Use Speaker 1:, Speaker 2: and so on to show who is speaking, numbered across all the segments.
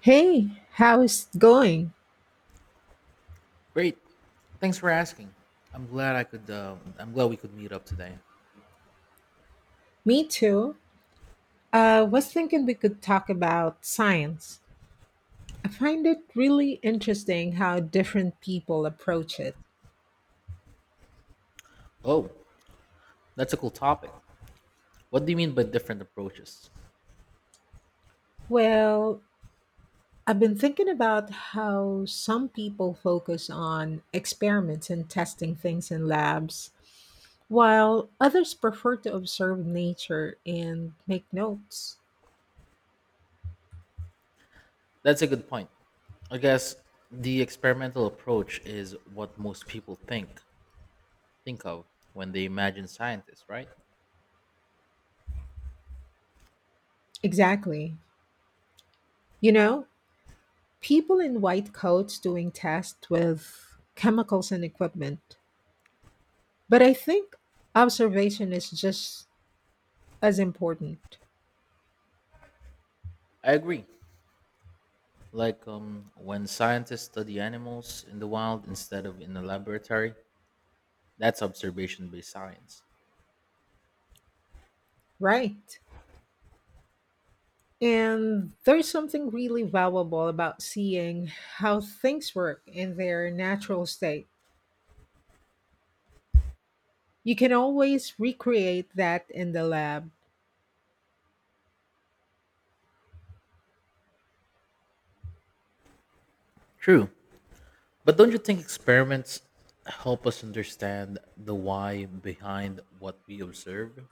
Speaker 1: Hey, how's it going?
Speaker 2: Great. Thanks for asking. I'm glad I could. I'm glad we could meet up today.
Speaker 1: Me too. I was thinking we could talk about science. I find it really interesting how different people approach it.
Speaker 2: Oh, that's a cool topic. What do you mean by different approaches?
Speaker 1: Well, I've been thinking about how some people focus on experiments and testing things in labs, while others prefer to observe nature and make notes.
Speaker 2: That's a good point. I guess the experimental approach is what most people think of when they imagine scientists, right?
Speaker 1: Exactly. You know, people in white coats doing tests with chemicals and equipment. But I think observation is just as important,
Speaker 2: I agree. Like when scientists study animals in the wild instead of in a laboratory, that's observation-based science.
Speaker 1: right? And there's something really valuable about seeing how things work in their natural state. You can always recreate that in the lab.
Speaker 2: True. But don't you think experiments help us understand the why behind what we observe?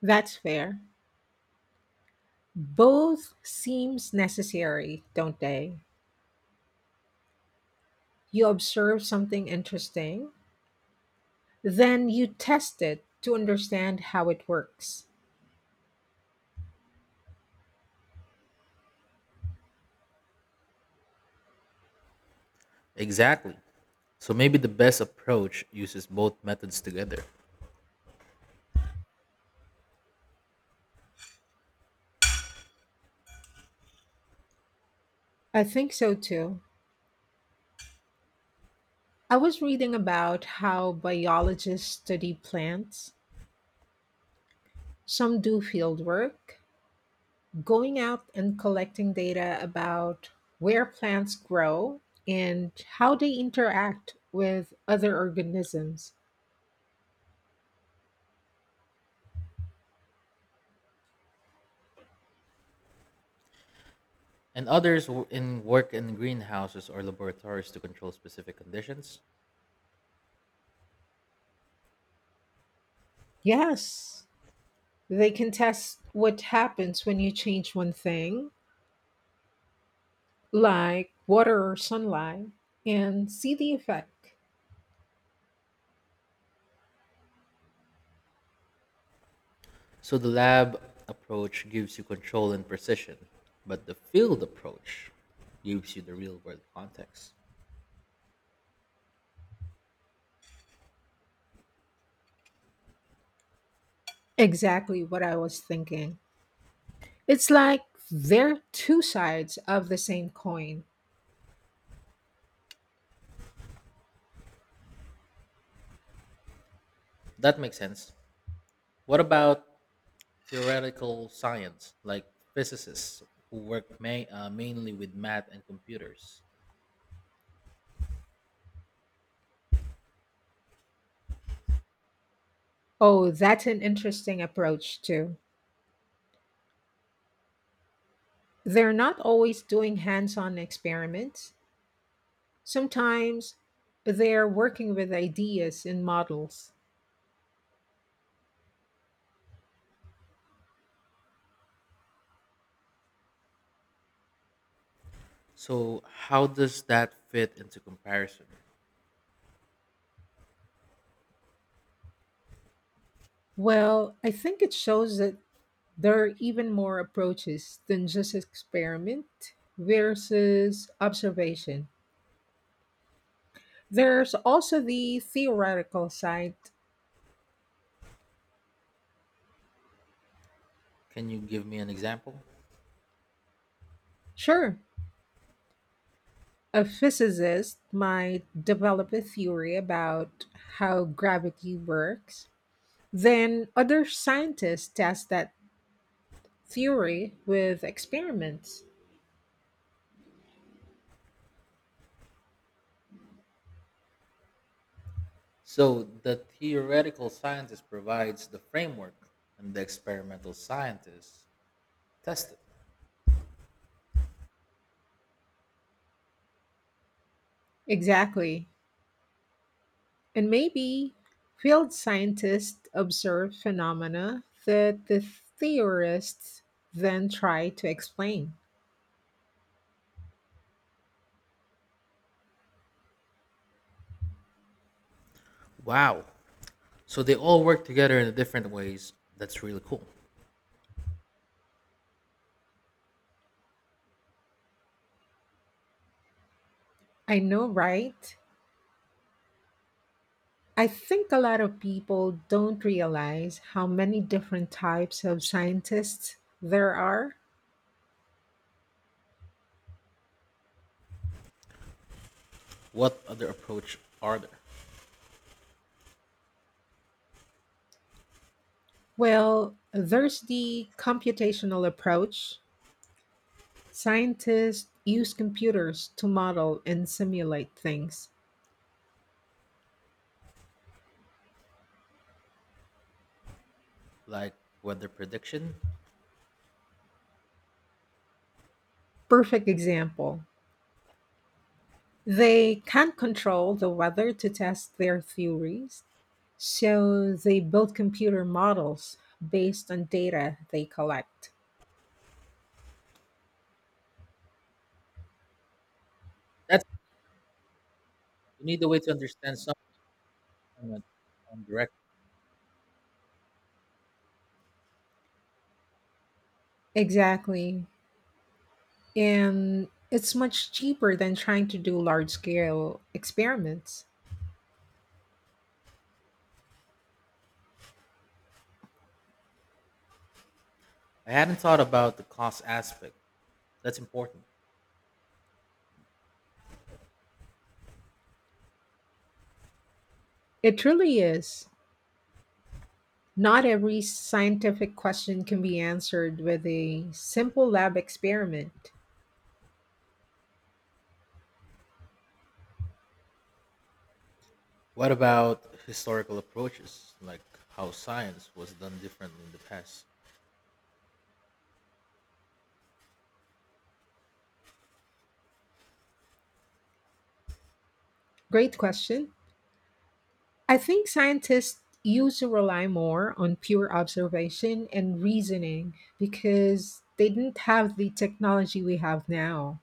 Speaker 1: That's fair. Both seems necessary, don't they? You observe something interesting. Then you test it to understand how it works.
Speaker 2: Exactly. So maybe the best approach uses both methods together.
Speaker 1: I think so too. I was reading about how biologists study plants. Some do field work, going out and collecting data about where plants grow and how they interact with other organisms.
Speaker 2: And others w- in work in greenhouses or laboratories to control specific conditions.
Speaker 1: Yes, they can test what happens when you change one thing, like water or sunlight, and see the effect.
Speaker 2: So the lab approach gives you control and precision, but the field approach gives you the real world context.
Speaker 1: Exactly what I was thinking. It's like they're two sides of the same coin.
Speaker 2: That makes sense. What about theoretical science, like physicists who work mainly with math and computers.
Speaker 1: Oh, that's an interesting approach, too. They're not always doing hands on experiments, sometimes they're working with ideas and models.
Speaker 2: So, how does that fit into comparison?
Speaker 1: Well, I think it shows that there are even more approaches than just experiment versus observation. There's also the theoretical side.
Speaker 2: Can you give me an example?
Speaker 1: Sure, a physicist might develop a theory about how gravity works. Then other scientists test that theory with experiments.
Speaker 2: So, the theoretical scientist provides the framework, and the experimental scientists test it.
Speaker 1: Exactly. And maybe field scientists observe phenomena that the theorists then try to explain.
Speaker 2: Wow. So, they all work together in different ways. That's really cool.
Speaker 1: I know, right? I think a lot of people don't realize how many different types of scientists there are.
Speaker 2: What other approach are there?
Speaker 1: Well, there's the computational approach. Scientists use computers to model and simulate things.
Speaker 2: Like weather prediction?
Speaker 1: Perfect example. They can't control the weather to test their theories, so they build computer models based on data they collect.
Speaker 2: That's you need a way to understand some element on the
Speaker 1: Exactly. And it's much cheaper than trying to do large scale experiments.
Speaker 2: I hadn't thought about the cost aspect. That's important.
Speaker 1: It truly is. Not every scientific question can be answered with a simple lab experiment.
Speaker 2: What about historical approaches, like how science was done differently in the past?
Speaker 1: Great question. I think scientists used to rely more on pure observation and reasoning because they didn't have the technology we have now.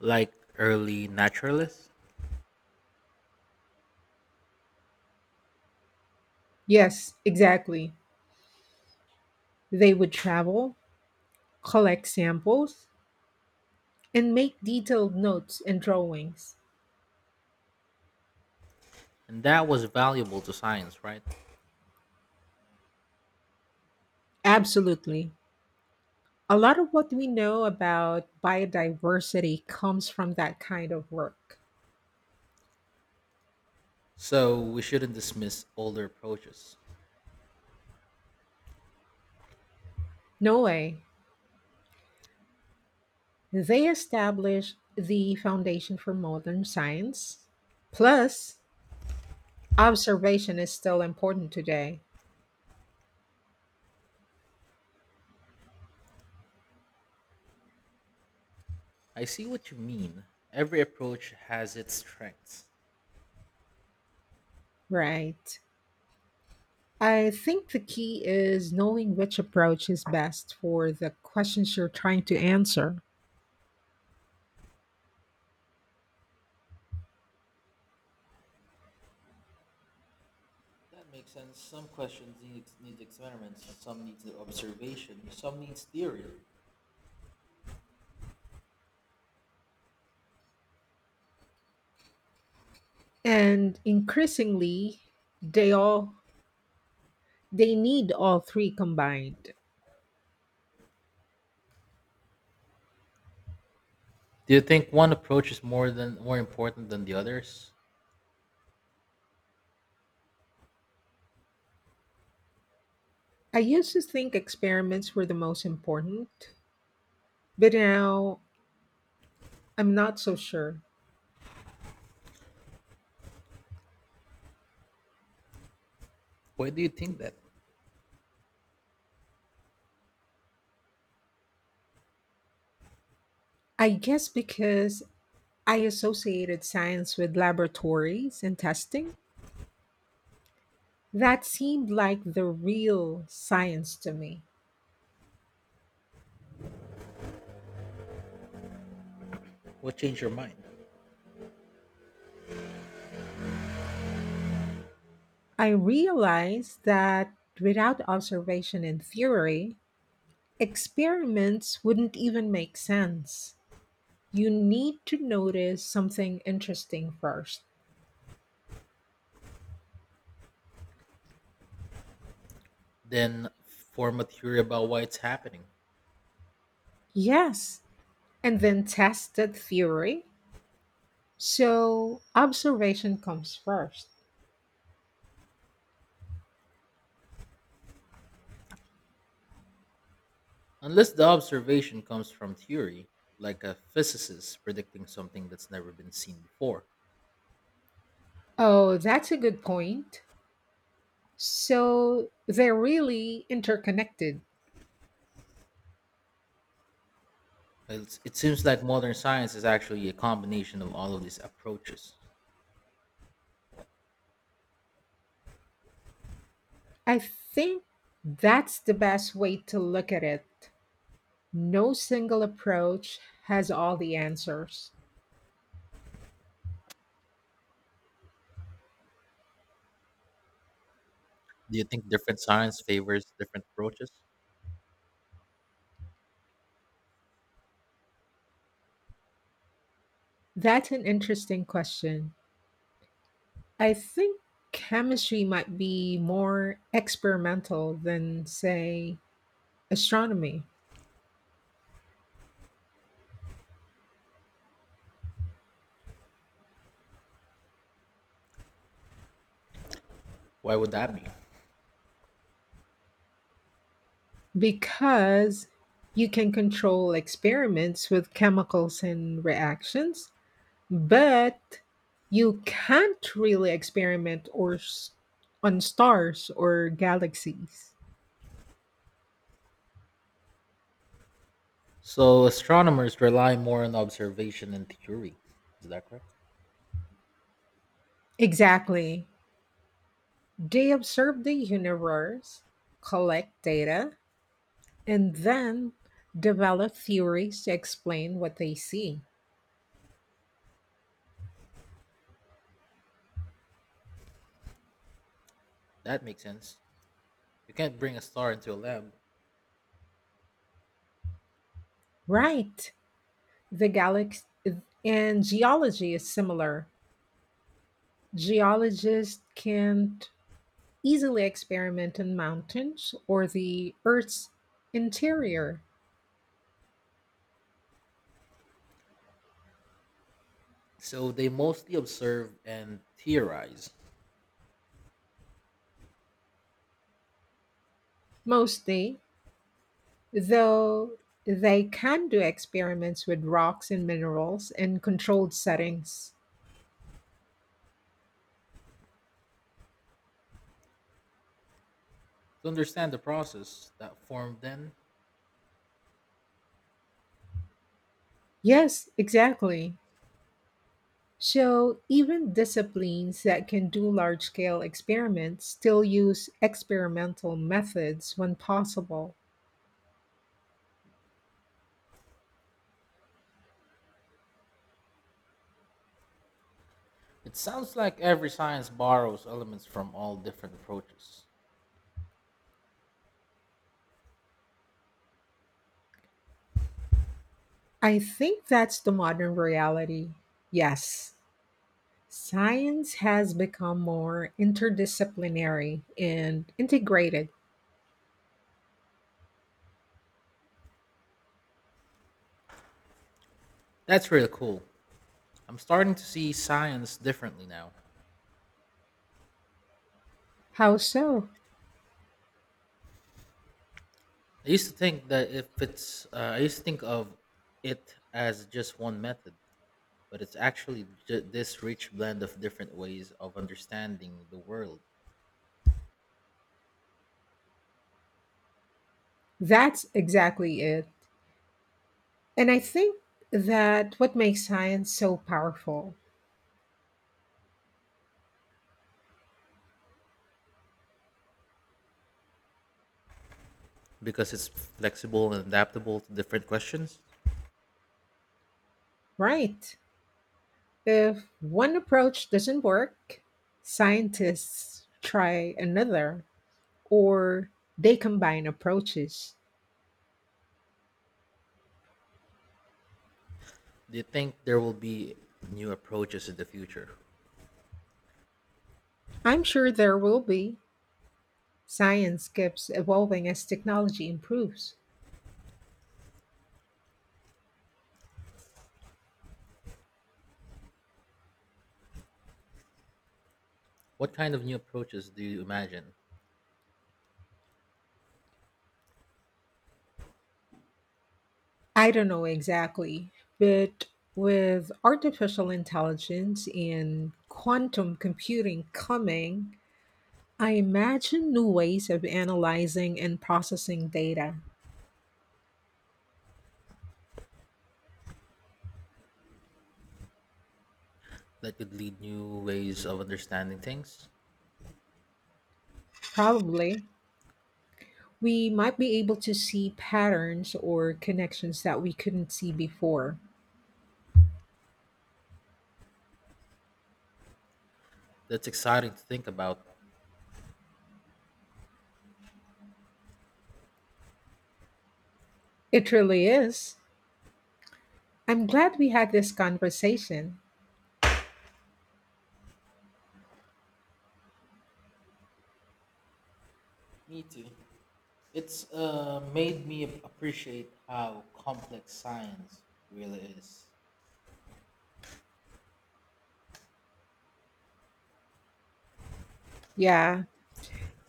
Speaker 2: Like early naturalists?
Speaker 1: Yes, exactly. They would travel, collect samples, and make detailed notes and drawings.
Speaker 2: And that was valuable to science, right?
Speaker 1: Absolutely. A lot of what we know about biodiversity comes from that kind of work.
Speaker 2: So we shouldn't dismiss older approaches.
Speaker 1: No way. They established the foundation for modern science. Plus, observation is still important today.
Speaker 2: I see what you mean. Every approach has its strengths.
Speaker 1: Right. I think the key is knowing which approach is best for the questions you're trying to answer.
Speaker 2: That makes sense. Some questions need experiments, some need observation, some needs theory.
Speaker 1: And increasingly, they all they need all three combined.
Speaker 2: Do you think one approach is more than more important than the others?
Speaker 1: I used to think experiments were the most important, but now I'm not so sure.
Speaker 2: Why do you think that?
Speaker 1: I guess because I associated science with laboratories and testing. That seemed like the real science to me.
Speaker 2: What changed your mind?
Speaker 1: I realized that without observation and theory, experiments wouldn't even make sense. You need to notice something interesting first.
Speaker 2: Then form a theory about why it's happening.
Speaker 1: Yes, and then test that theory. So observation comes first.
Speaker 2: Unless the observation comes from theory, like a physicist predicting something that's never been seen before.
Speaker 1: Oh, that's a good point. So they're really interconnected.
Speaker 2: It seems like modern science is actually a combination of all of these approaches.
Speaker 1: I think that's the best way to look at it. No single approach has all the answers.
Speaker 2: Do you think different science favors different approaches?
Speaker 1: That's an interesting question. I think chemistry might be more experimental than, say, astronomy,
Speaker 2: Why would that be?
Speaker 1: because you can control experiments with chemicals and reactions. But you can't really experiment or on stars or galaxies.
Speaker 2: So, astronomers rely more on observation and theory. Is that correct?
Speaker 1: Exactly. They observe the universe, collect data, and then develop theories to explain what they see.
Speaker 2: That makes sense. You can't bring a star into a lab.
Speaker 1: Right. The galaxy and geology is similar. Geologists can't easily experiment in mountains or the Earth's interior.
Speaker 2: So they mostly observe and theorize
Speaker 1: Mostly, though they can do experiments with rocks and minerals in controlled settings.
Speaker 2: to understand the process that formed then.
Speaker 1: Yes, exactly. So, even disciplines that can do large scale experiments still use experimental methods when possible.
Speaker 2: It sounds like every science borrows elements from all different approaches.
Speaker 1: I think that's the modern reality. Yes, science has become more interdisciplinary and integrated.
Speaker 2: That's really cool. I'm starting to see science differently now.
Speaker 1: How so?
Speaker 2: I used to think that if it's, I used to think of it as just one method, but it's actually this rich blend of different ways of understanding the world
Speaker 1: That's exactly it. And I think that what makes science so powerful,
Speaker 2: because it's flexible and adaptable to different questions.
Speaker 1: right? If one approach doesn't work, scientists try another or they combine approaches.
Speaker 2: Do you think there will be new approaches in the future?
Speaker 1: I'm sure there will be. Science keeps evolving as technology improves.
Speaker 2: What kind of new approaches do you imagine
Speaker 1: I don't know exactly, but with artificial intelligence and quantum computing coming, I imagine new ways of analyzing and processing data.
Speaker 2: that could lead new ways of understanding things?
Speaker 1: Probably, we might be able to see patterns or connections that we couldn't see before.
Speaker 2: That's exciting to think about.
Speaker 1: It really is. I'm glad we had this conversation.
Speaker 2: Me too. It's made me appreciate how complex science really is.
Speaker 1: Yeah.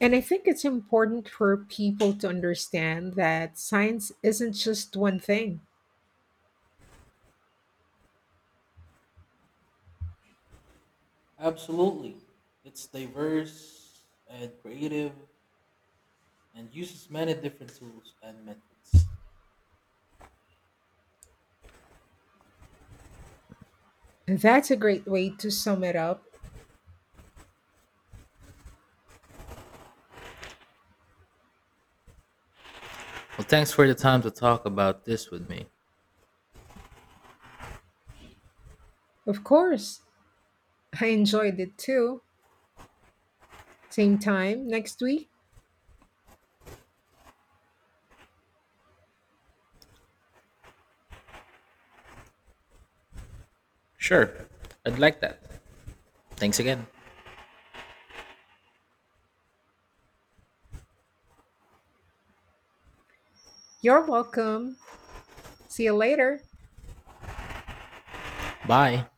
Speaker 1: And I think it's important for people to understand that science isn't just one thing.
Speaker 2: Absolutely. It's diverse and creative and uses many different tools and methods.
Speaker 1: That's a great way to sum it up.
Speaker 2: Well, thanks for the time to talk about this with me.
Speaker 1: Of course, I enjoyed it too. Same time next week.
Speaker 2: Sure. I'd like that. Thanks again.
Speaker 1: You're welcome. See you later.
Speaker 2: Bye.